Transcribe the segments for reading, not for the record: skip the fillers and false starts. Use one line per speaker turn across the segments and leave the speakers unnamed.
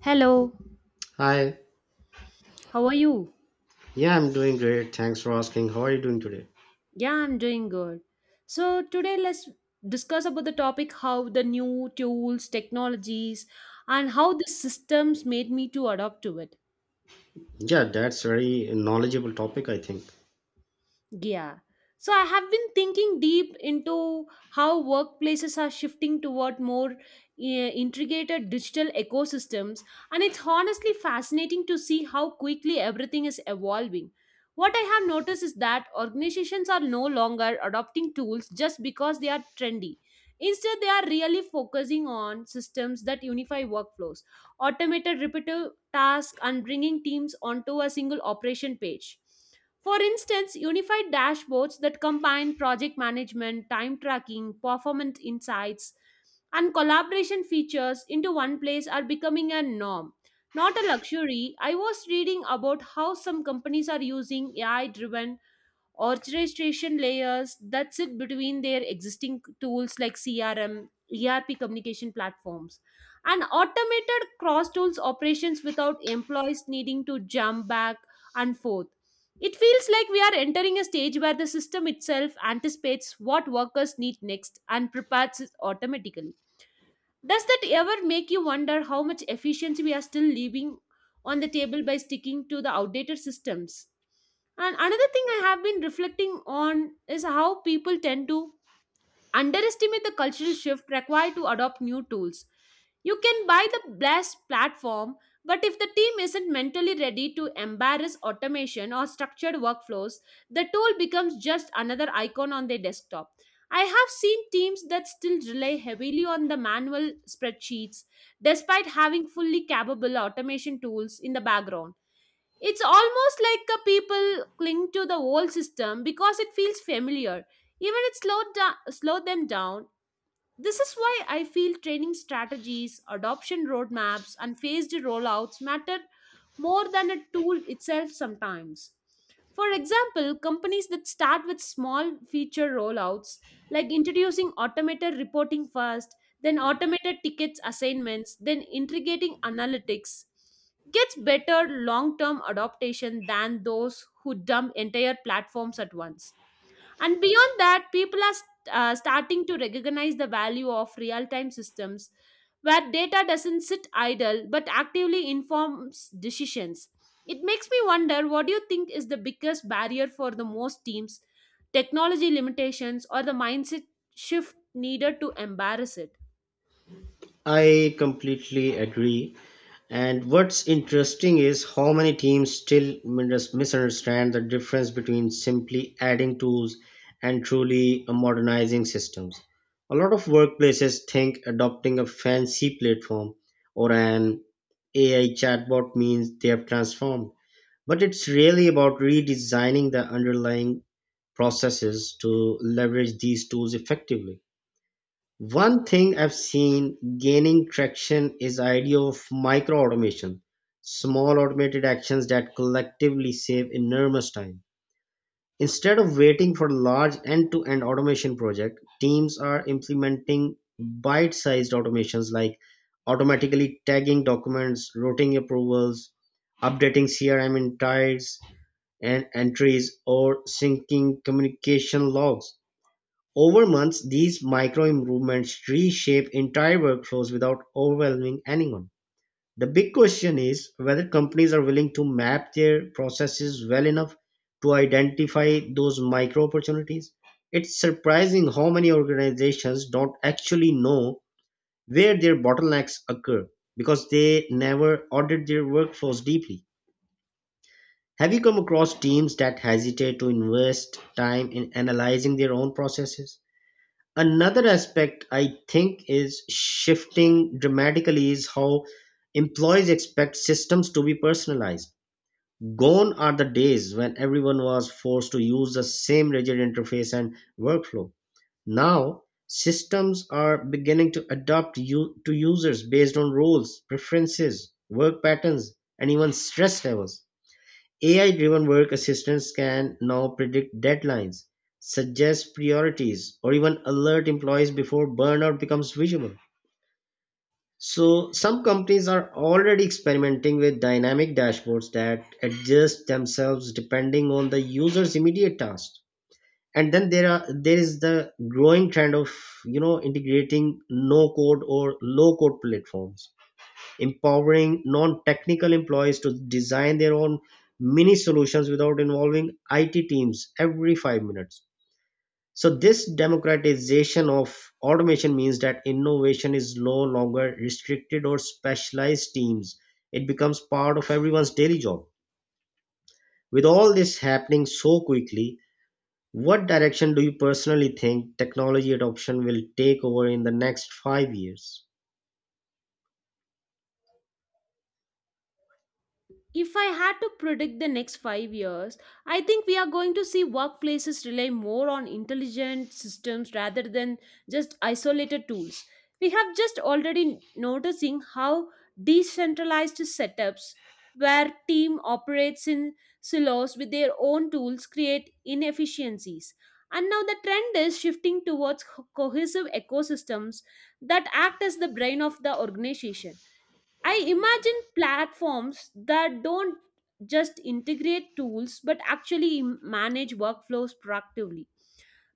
Hello,
Hi,
how are you?
yeah, I'm doing great. Thanks for asking. How are you doing today?
Yeah, I'm doing good. So, today let's discuss about the topic how the new tools, technologies, and how the systems made me to adopt to it.
Yeah, that's very knowledgeable topic, I think.
Yeah. So I have been thinking deep into how workplaces are shifting toward more integrated digital ecosystems, and it's honestly fascinating to see how quickly everything is evolving. What I have noticed is that organizations are no longer adopting tools just because they are trendy. Instead, they are really focusing on systems that unify workflows, automated repetitive tasks, and bringing teams onto a single operation page. For instance, unified dashboards that combine project management, time tracking, performance insights, and collaboration features into one place are becoming a norm, not a luxury. I was reading about how some companies are using AI driven orchestration layers that sit between their existing tools like CRM, ERP communication platforms, and automated cross tools operations without employees needing to jump back and forth. It feels like we are entering a stage where the system itself anticipates what workers need next and prepares it automatically. Does that ever make you wonder how much efficiency we are still leaving on the table by sticking to the outdated systems? And another thing I have been reflecting on is how people tend to underestimate the cultural shift required to adopt new tools. You can buy the best platform, but if the team isn't mentally ready to embrace automation or structured workflows, the tool becomes just another icon on their desktop. I have seen teams that still rely heavily on the manual spreadsheets despite having fully capable automation tools in the background. It's almost like a people cling to the old system because it feels familiar, even it slowed, slowed them down. This is why I feel training strategies, adoption roadmaps, and phased rollouts matter more than a tool itself sometimes. For example, companies that start with small feature rollouts, like introducing automated reporting first, then automated tickets assignments, then integrating analytics, gets better long term adaptation than those who dump entire platforms at once. And beyond that, people are starting to recognize the value of real time systems where data doesn't sit idle but actively informs decisions. It makes me wonder what do you think is the biggest barrier for the most teams, technology limitations, or the mindset shift needed to embrace it?
I completely agree. And what's interesting is how many teams still misunderstand the difference between simply adding tools and truly modernizing systems. A lot of workplaces think adopting a fancy platform or an AI chatbot means they have transformed. But it's really about redesigning the underlying processes to leverage these tools effectively. One thing I've seen gaining traction is the idea of micro automation, small automated actions that collectively save enormous time. Instead of waiting for large end-to-end automation project, teams are implementing bite-sized automations like automatically tagging documents, routing approvals, updating CRM insights, and entries or syncing communication logs. Over months, these micro-improvements reshape entire workflows without overwhelming anyone. The big question is whether companies are willing to map their processes well enough to identify those micro opportunities. It's surprising how many organizations don't actually know where their bottlenecks occur because they never audit their workflows deeply. Have you come across teams that hesitate to invest time in analyzing their own processes? Another aspect I think is shifting dramatically is how employees expect systems to be personalized. Gone are the days when everyone was forced to use the same rigid interface and workflow. Now, systems are beginning to adapt to users based on roles, preferences, work patterns, and even stress levels. AI driven work assistants can now predict deadlines, suggest priorities, or even alert employees before burnout becomes visible. So, some companies are already experimenting with dynamic dashboards that adjust themselves depending on the user's immediate tasks. And then there is the growing trend of integrating no code or low code platforms, empowering non-technical employees to design their own mini solutions without involving IT teams every 5 minutes. So this democratization of automation means that innovation is no longer restricted or specialized teams. It becomes part of everyone's daily job. With all this happening so quickly, what direction do you personally think technology adoption will take over in the next 5 years?
If I had to predict the next 5 years, I think we are going to see workplaces rely more on intelligent systems rather than just isolated tools. We have just already noticing how decentralized setups where team operates in silos with their own tools create inefficiencies. And now the trend is shifting towards cohesive ecosystems that act as the brain of the organization. I imagine platforms that don't just integrate tools but actually manage workflows proactively,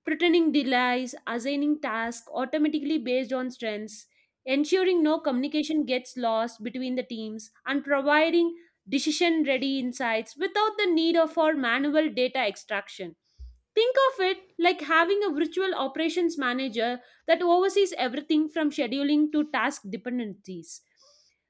pretending delays, assigning tasks automatically based on strengths, ensuring no communication gets lost between the teams, and providing decision ready insights without the need of for manual data extraction. Think of it like having a virtual operations manager that oversees everything from scheduling to task dependencies.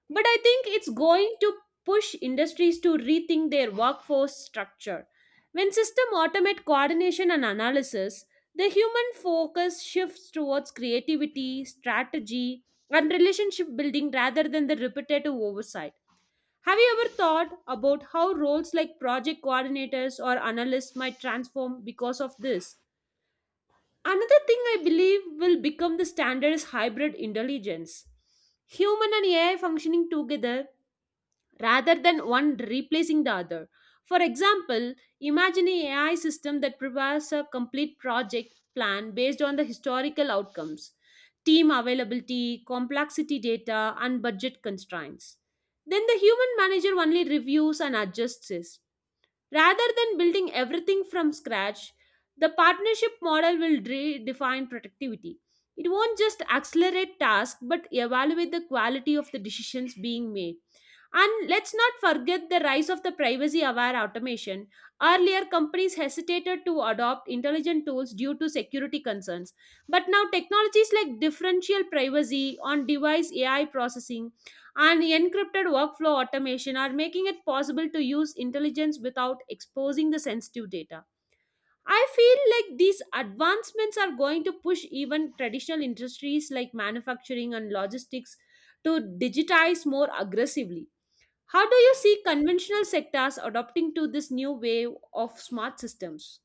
But I think it's going to push industries to rethink their workforce structure. When system automate coordination and analysis, the human focus shifts towards creativity, strategy, and relationship building rather than the repetitive oversight. Have you ever thought about how roles like project coordinators or analysts might transform because of this? Another thing I believe will become the standard is hybrid intelligence. Human and AI functioning together rather than one replacing the other. For example, imagine an AI system that prepares a complete project plan based on the historical outcomes, team availability, complexity data, and budget constraints. Then the human manager only reviews and adjusts it. Rather than building everything from scratch, the partnership model will redefine productivity. It won't just accelerate tasks but evaluate the quality of the decisions being made. And let's not forget the rise of the privacy aware automation. Earlier, companies hesitated to adopt intelligent tools due to security concerns. But now, technologies like differential privacy on device AI processing and encrypted workflow automation are making it possible to use intelligence without exposing the sensitive data. I feel like these advancements are going to push even traditional industries like manufacturing and logistics to digitize more aggressively. How do you see conventional sectors adopting to this new wave of smart systems?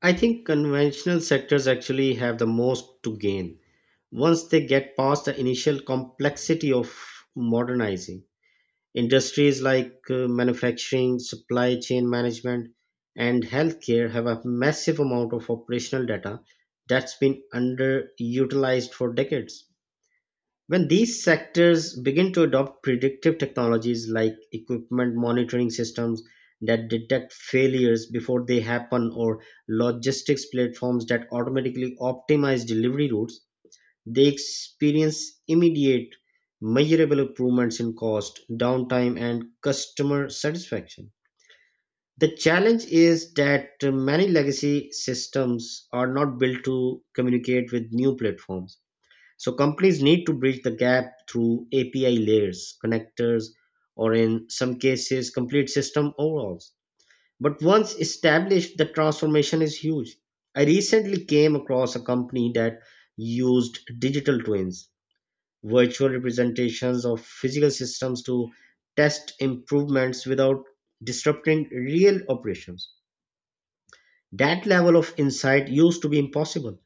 I think conventional sectors actually have the most to gain once they get past the initial complexity of modernizing. Industries like manufacturing supply chain management and healthcare have a massive amount of operational data that's been underutilized for decades. When these sectors begin to adopt predictive technologies like equipment monitoring systems that detect failures before they happen, or logistics platforms that automatically optimize delivery routes, they experience immediate, measurable improvements in cost, downtime, and customer satisfaction. The challenge is that many legacy systems are not built to communicate with new platforms. So companies need to bridge the gap through API layers, connectors, or in some cases, complete system overhauls. But once established, the transformation is huge. I recently came across a company that used digital twins, virtual representations of physical systems, to test improvements without disrupting real operations. That level of insight used to be impossible.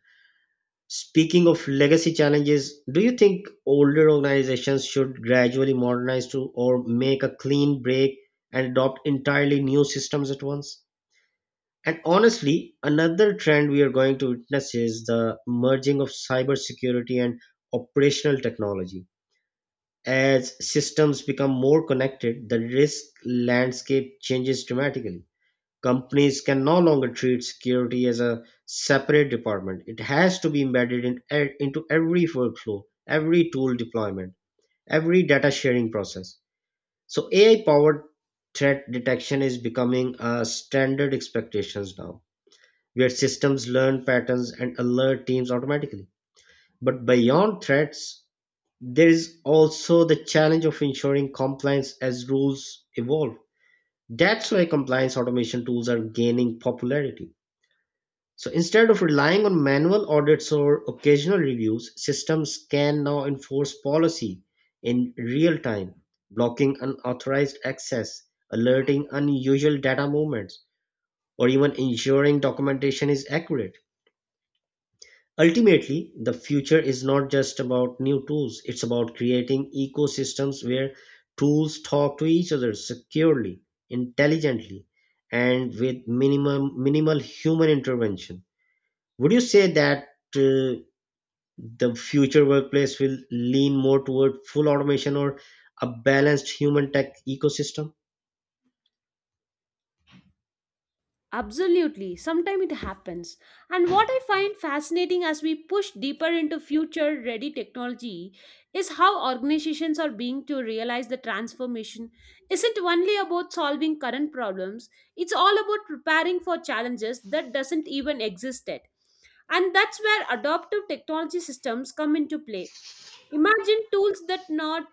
Speaking of legacy challenges, do you think older organizations should gradually modernize to, or make a clean break and adopt entirely new systems at once? And honestly, another trend we are going to witness is the merging of cybersecurity and operational technology. As systems become more connected, the risk landscape changes dramatically. Companies can no longer treat security as a separate department. It has to be embedded into every workflow, every tool deployment, every data sharing process. So AI powered threat detection is becoming a standard expectations now, where systems learn patterns and alert teams automatically. But beyond threats, there is also the challenge of ensuring compliance as rules evolve. That's why compliance automation tools are gaining popularity. So instead of relying on manual audits or occasional reviews, systems can now enforce policy in real time, blocking unauthorized access, alerting unusual data movements, or even ensuring documentation is accurate. Ultimately, the future is not just about new tools, it's about creating ecosystems where tools talk to each other securely, intelligently, and with minimum minimal human intervention. Would you say that uh, the future workplace will lean more toward full automation or a balanced human tech ecosystem?
Absolutely, sometimes it happens. And what I find fascinating as we push deeper into future ready technology is how organizations are being to realize the transformation isn't only about solving current problems, it's all about preparing for challenges that doesn't even exist yet. And that's where adaptive technology systems come into play. Imagine tools that not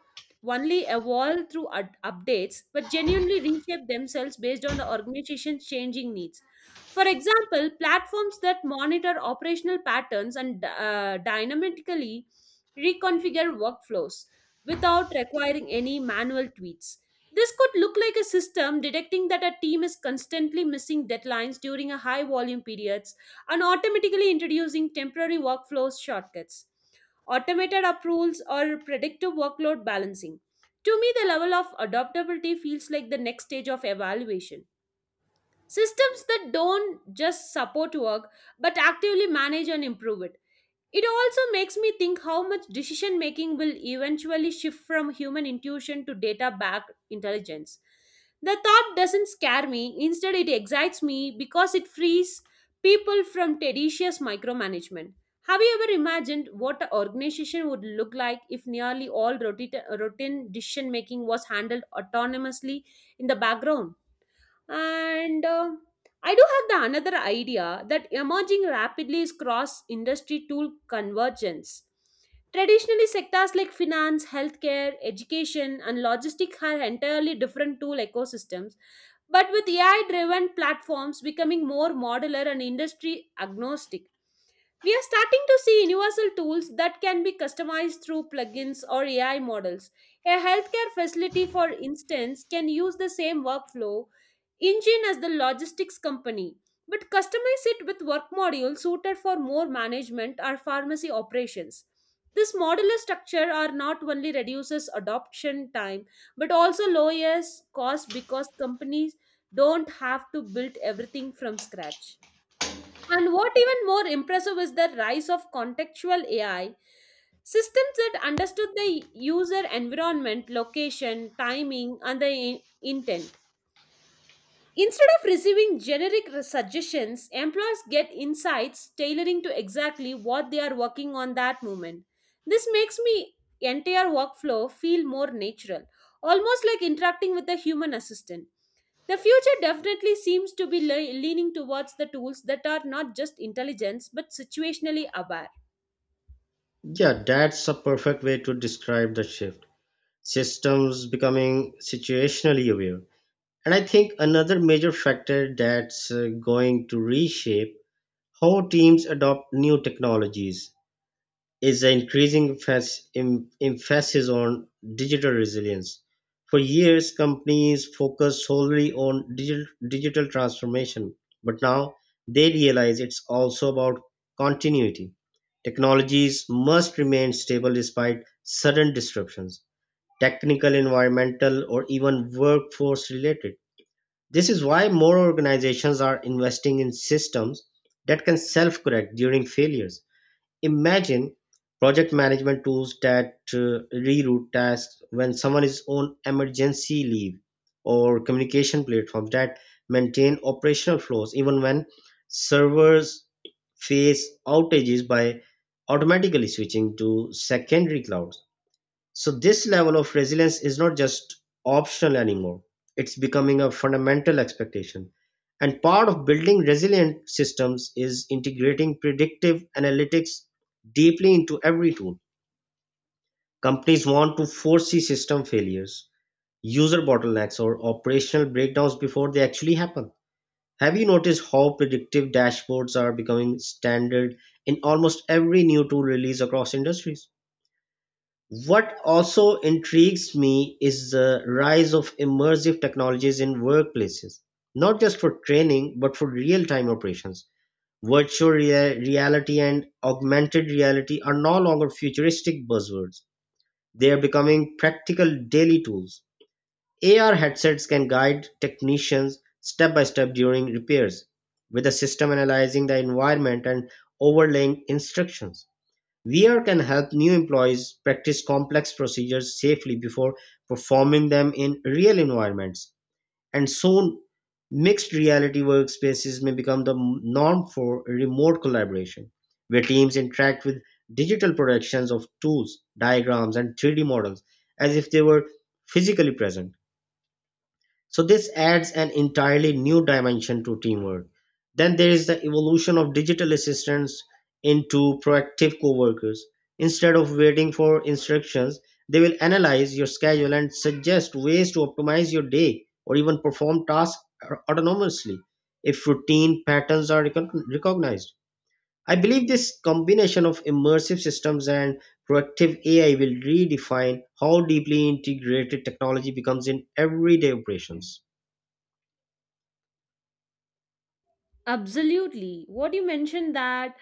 only evolve through updates but genuinely reshape themselves based on the organization's changing needs. For example, platforms that monitor operational patterns and dynamically reconfigure workflows without requiring any manual tweaks. This could look like a system detecting that a team is constantly missing deadlines during a high volume periods and automatically introducing temporary workflows shortcuts, automated approvals, or predictive workload balancing. To me, the level of adaptability feels like the next stage of evaluation. Systems that don't just support work but actively manage and improve it. It also makes me think how much decision making will eventually shift from human intuition to data backed intelligence. The thought doesn't scare me, instead, it excites me because it frees people from tedious micromanagement. Have you ever imagined what an organization would look like if nearly all routine decision making was handled autonomously in the background? And I do have the another idea that emerging rapidly is cross industry tool convergence. Traditionally, sectors like finance, healthcare, education, and logistics had entirely different tool ecosystems, but with AI driven platforms becoming more modular and industry agnostic, we are starting to see universal tools that can be customized through plugins or AI models. A healthcare facility, for instance, can use the same workflow engine as the logistics company, but customize it with work modules suited for more management or pharmacy operations. This modular structure are not only reduces adoption time but also lowers cost because companies don't have to build everything from scratch. And what even more impressive is the rise of contextual AI systems that understood the user environment, location, timing, and the intent. Instead of receiving generic suggestions, employers get insights tailoring to exactly what they are working on that moment. This makes me entire workflow feel more natural, almost like interacting with a human assistant. The future definitely seems to be leaning towards the tools that are not just intelligence but situationally aware.
Yeah, that's a perfect way to describe the shift. Systems becoming situationally aware. And I think another major factor that's going to reshape how teams adopt new technologies is the increasing emphasis on digital resilience. For years, companies focused solely on digital transformation, but now they realize it's also about continuity. Technologies must remain stable despite sudden disruptions, technical, environmental, or even workforce related. This is why more organizations are investing in systems that can self correct during failures. Imagine project management tools that reroute tasks when someone is on emergency leave, or communication platforms that maintain operational flows even when servers face outages by automatically switching to secondary clouds. So this level of resilience is not just optional anymore. It's becoming a fundamental expectation. And part of building resilient systems is integrating predictive analytics deeply into every tool. Companies want to foresee system failures, user bottlenecks, or operational breakdowns before they actually happen. Have you noticed how predictive dashboards are becoming standard in almost every new tool release across industries? What also intrigues me is the rise of immersive technologies in workplaces, not just for training, but for real time operations. Virtual reality and augmented reality are no longer futuristic buzzwords, they are becoming practical daily tools. AR headsets can guide technicians step by step during repairs, with the system analyzing the environment and overlaying instructions. VR can help new employees practice complex procedures safely before performing them in real environments, and soon mixed reality workspaces may become the norm for remote collaboration, where teams interact with digital productions of tools, diagrams, and 3D models as if they were physically present. So this adds an entirely new dimension to teamwork. Then there is the evolution of digital assistants into proactive coworkers. Instead of waiting for instructions, they will analyze your schedule and suggest ways to optimize your day or even perform tasks autonomously if routine patterns are recognized. I believe this combination of immersive systems and proactive AI will redefine how deeply integrated technology becomes in everyday operations.
Absolutely. What you mentioned that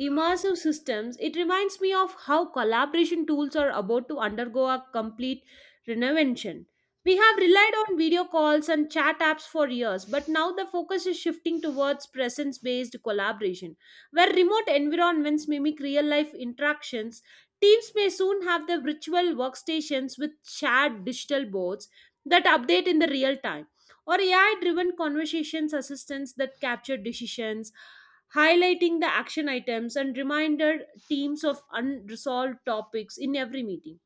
immersive systems, it reminds me of how collaboration tools are about to undergo a complete reinvention. We have relied on video calls and chat apps for years, but now the focus is shifting towards presence based collaboration, where remote environments mimic real life interactions. Teams may soon have the virtual workstations with shared digital boards that update in the real time, or AI driven conversations assistants that capture decisions, highlighting the action items and reminder teams of unresolved topics in every meeting.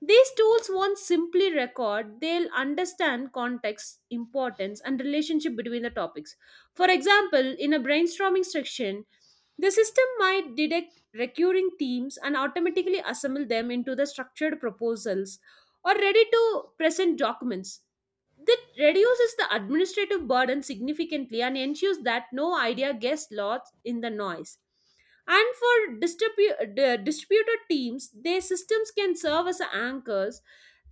These tools won't simply record, they'll understand context, importance, and relationship between the topics. For example, in a brainstorming section, the system might detect recurring themes and automatically assemble them into the structured proposals or ready to present documents. That reduces the administrative burden significantly and ensures that no idea gets lost in the noise. And for distributed teams, their systems can serve as anchors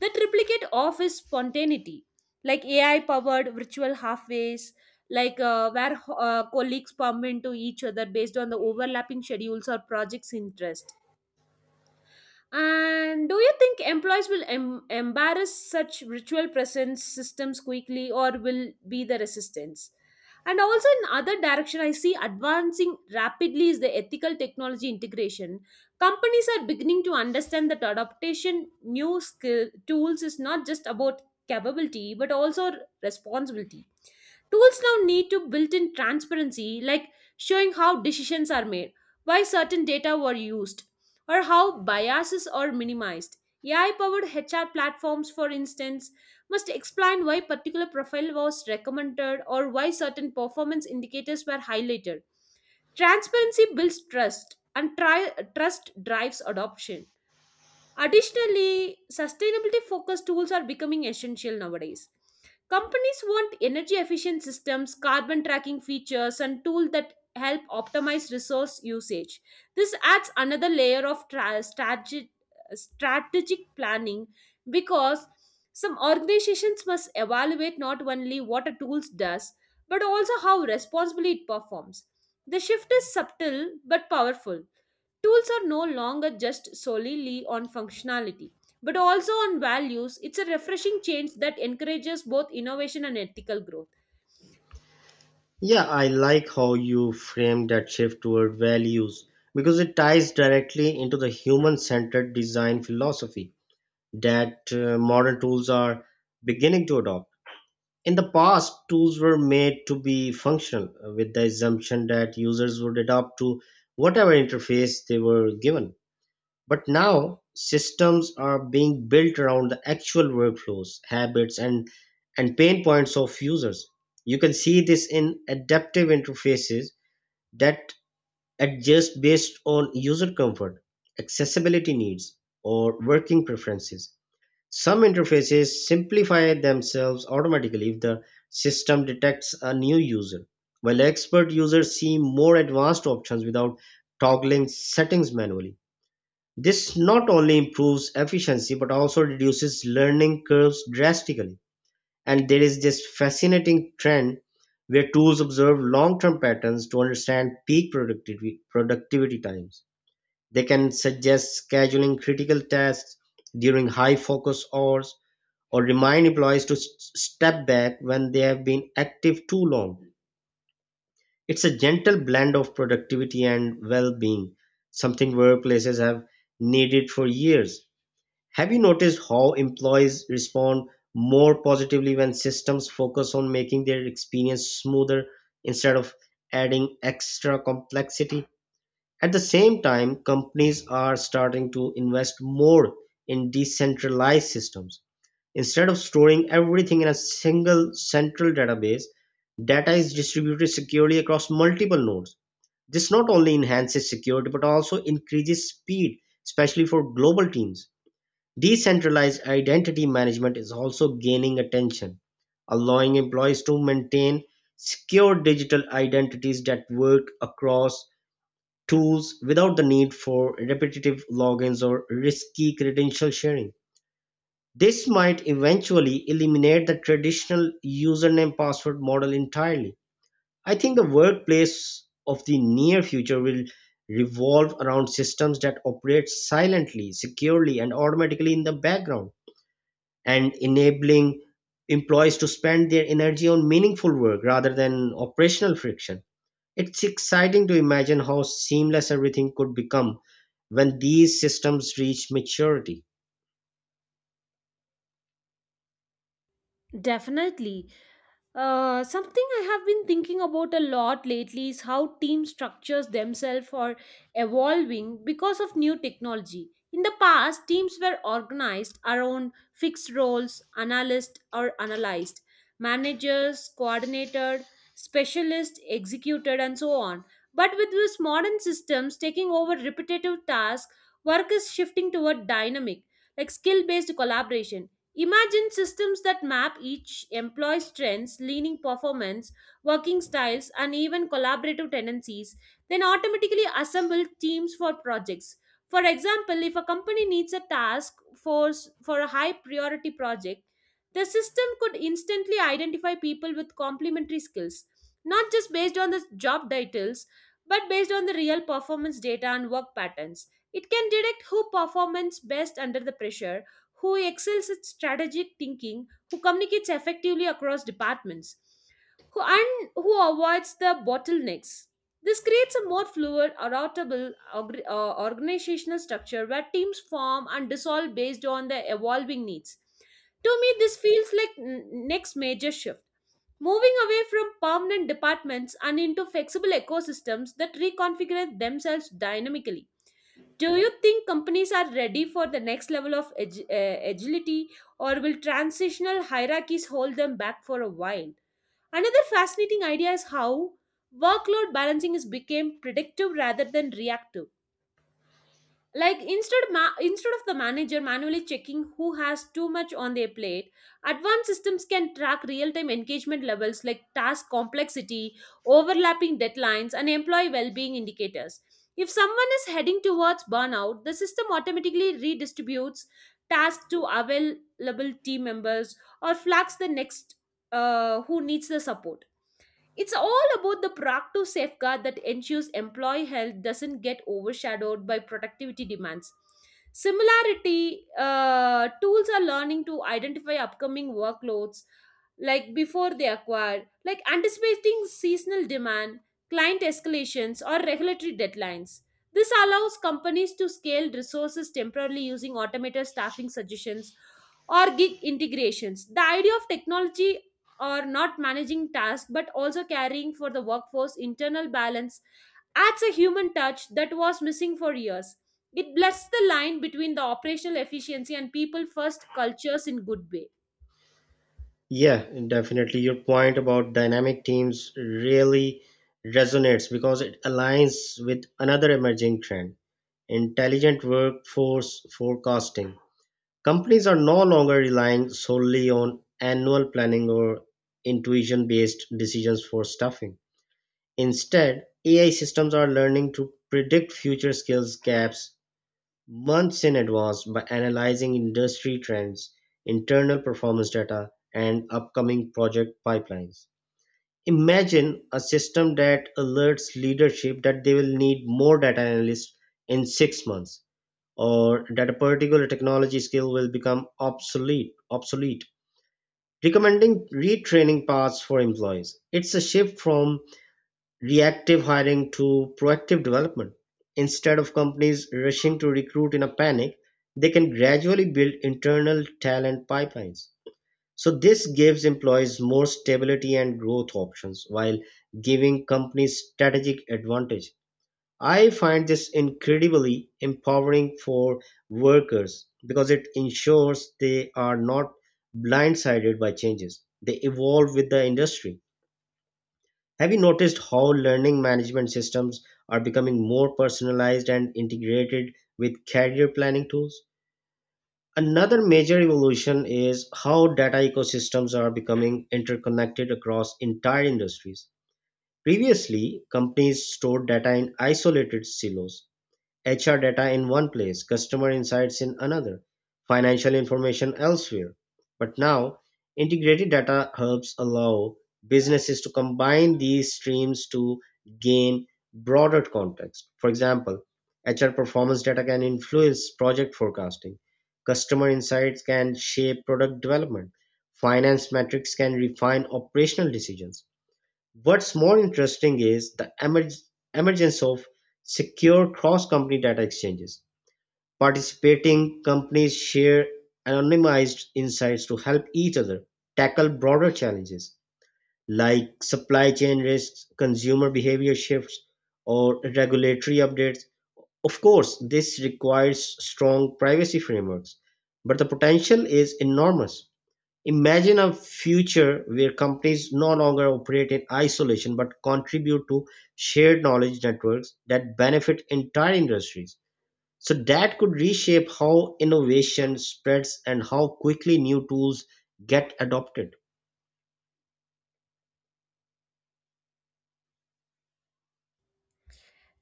that replicate office spontaneity, like AI powered virtual halfways, where colleagues bump into each other based on the overlapping schedules or projects' interest. And do you think employees will embarrass such ritual presence systems quickly or will be the resistance? And also in other direction, I see advancing rapidly is the ethical technology integration. Companies are beginning to understand that adaptation new skill tools is not just about capability but also responsibility. Tools now need to built in transparency, like showing how decisions are made, why certain data were used, or how biases are minimized. AI powered HR platforms, for instance, must explain why particular profile was recommended or why certain performance indicators were highlighted. Transparency builds trust, and trust drives adoption. Additionally, sustainability focused tools are becoming essential nowadays. Companies want energy efficient systems, carbon tracking features, and tools that help optimize resource usage. This adds another layer of strategic planning because some organizations must evaluate not only what a tool does but also how responsibly it performs. The shift is subtle but powerful. Tools are no longer just solely on functionality, but also on values. It's a refreshing change that encourages both innovation and ethical growth.
Yeah, I like how you frame that shift toward values because it ties directly into the human centered design philosophy that modern tools are beginning to adopt. In the past, tools were made to be functional, with the assumption that users would adapt to whatever interface they were given. But now systems are being built around the actual workflows, habits, and pain points of users. You can see this in adaptive interfaces that adjust based on user comfort, accessibility needs, or working preferences. Some interfaces simplify themselves automatically if the system detects a new user, while expert users see more advanced options without toggling settings manually. This not only improves efficiency but also reduces learning curves drastically. And there is this fascinating trend where tools observe long term patterns to understand peak productivity times. They can suggest scheduling critical tasks during high focus hours or remind employees to step back when they have been active too long. It's a gentle blend of productivity and well being, something workplaces have needed for years. Have you noticed how employees respond more positively when systems focus on making their experience smoother instead of adding extra complexity? At the same time, companies are starting to invest more in decentralized systems. Instead of storing everything in a single central database, data is distributed securely across multiple nodes. This not only enhances security but also increases speed, especially for global teams. Decentralized identity management is also gaining attention, allowing employees to maintain secure digital identities that work across tools without the need for repetitive logins or risky credential sharing. This might eventually eliminate the traditional username password model entirely. I think the workplace of the near future will revolve around systems that operate silently, securely, and automatically in the background, and enabling employees to spend their energy on meaningful work rather than operational friction. It's exciting to imagine how seamless everything could become when these systems reach maturity.
Definitely. Something I have been thinking about a lot lately is how team structures themselves are evolving because of new technology. In the past, teams were organized around fixed roles: analyst or analyzed, managers, coordinator, specialist, executed, and so on. But with these modern systems taking over repetitive tasks, work is shifting toward dynamic, like skill based collaboration. Imagine systems that map each employee's strengths, leaning performance, working styles, and even collaborative tendencies, then automatically assemble teams for projects. For example, if a company needs a task force for a high priority project, the system could instantly identify people with complementary skills, not just based on the job titles, but based on the real performance data and work patterns. It can detect who performs best under the pressure, who excels at strategic thinking, who communicates effectively across departments, who and who avoids the bottlenecks. This creates a more fluid, adaptable organizational structure where teams form and dissolve based on their evolving needs. To me, this feels like n- next major shift. Moving away from permanent departments and into flexible ecosystems that reconfigure themselves dynamically. Do you think companies are ready for the next level of agility, or will transitional hierarchies hold them back for a while? Another fascinating idea is how workload balancing is became predictive rather than reactive, like instead of the manager manually checking who has too much on their plate, advanced systems can track real time engagement levels like task complexity, overlapping deadlines, and employee well being indicators. If someone is heading towards burnout, the system automatically redistributes tasks to available team members or flags the next who needs the support. It's all about the proactive safeguard that ensures employee health doesn't get overshadowed by productivity demands. Similarity, tools are learning to identify upcoming workloads, like before they acquire, like anticipating seasonal demand, client escalations, or regulatory deadlines. This allows companies to scale resources temporarily using automated staffing suggestions or gig integrations. The idea of technology or not managing tasks but also caring for the workforce internal balance adds a human touch that was missing for years. It blurs the line between the operational efficiency and people first cultures in good way.
Yeah, definitely. Your point about dynamic teams really resonates because it aligns with another emerging trend, intelligent workforce forecasting. Companies are no longer relying solely on annual planning or intuition based decisions for staffing. Instead, AI systems are learning to predict future skills gaps months in advance by analyzing industry trends, internal performance data, and upcoming project pipelines. Imagine a system that alerts leadership that they will need more data analysts in 6 months, or that a particular technology skill will become obsolete, recommending retraining paths for employees. It's a shift from reactive hiring to proactive development. Instead of companies rushing to recruit in a panic, they can gradually build internal talent pipelines. So this gives employees more stability and growth options while giving companies strategic advantage. I find this incredibly empowering for workers because it ensures they are not blindsided by changes. They evolve with the industry. Have you noticed how learning management systems are becoming more personalized and integrated with career planning tools? Another major evolution is how data ecosystems are becoming interconnected across entire industries. Previously, companies stored data in isolated silos, HR data in one place, customer insights in another, financial information elsewhere. But now, integrated data hubs allow businesses to combine these streams to gain broader context. For example, HR performance data can influence project forecasting, customer insights can shape product development, finance metrics can refine operational decisions. What's more interesting is the emergence of secure cross-company data exchanges. Participating companies share anonymized insights to help each other tackle broader challenges like supply chain risks, consumer behavior shifts, or regulatory updates. Of course, this requires strong privacy frameworks, but the potential is enormous. Imagine a future where companies no longer operate in isolation but contribute to shared knowledge networks that benefit entire industries. So, that could reshape how innovation spreads and how quickly new tools get adopted.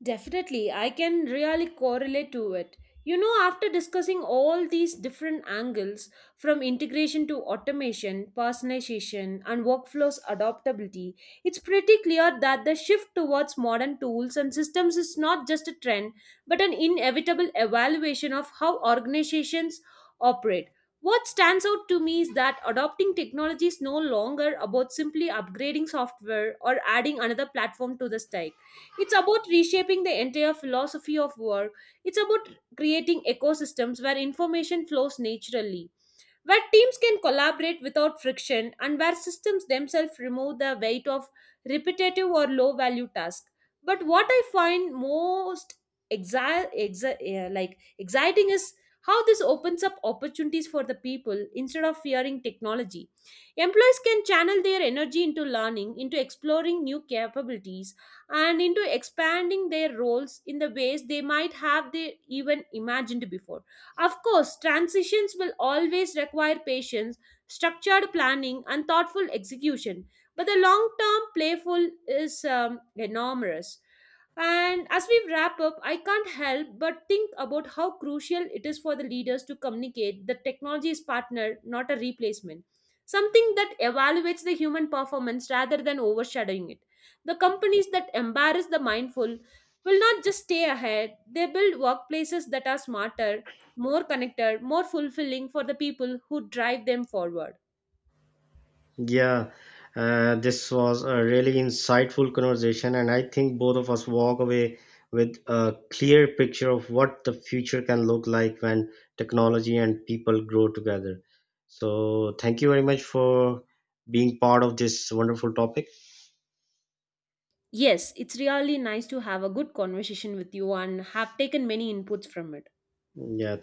Definitely, I can really correlate to it. You know, after discussing all these different angles, from integration to automation, personalization, and workflows adaptability, it's pretty clear that the shift towards modern tools and systems is not just a trend but an inevitable evaluation of how organizations operate. What stands out to me is that adopting technology is no longer about simply upgrading software or adding another platform to the stack. It's about reshaping the entire philosophy of work. It's about creating ecosystems where information flows naturally, where teams can collaborate without friction, and where systems themselves remove the weight of repetitive or low value tasks. But what I find most like exciting is how this opens up opportunities for the people instead of fearing technology. Employees can channel their energy into learning, into exploring new capabilities, and into expanding their roles in the ways they might have they even imagined before. Of course, transitions will always require patience, structured planning, and thoughtful execution. But the long term playful is enormous. And as we wrap up, I can't help but think about how crucial it is for the leaders to communicate that technology is partner, not a replacement. Something that evaluates the human performance rather than overshadowing it. The companies that embarrass the mindful will not just stay ahead, they build workplaces that are smarter, more connected, more fulfilling for the people who drive them forward.
Yeah, this was a really insightful conversation, and I think both of us walk away with a clear picture of what the future can look like when technology and people grow together. So, thank you very much for being part of this wonderful topic.
Yes, it's really nice to have a good conversation with you and have taken many inputs from it.
Yeah,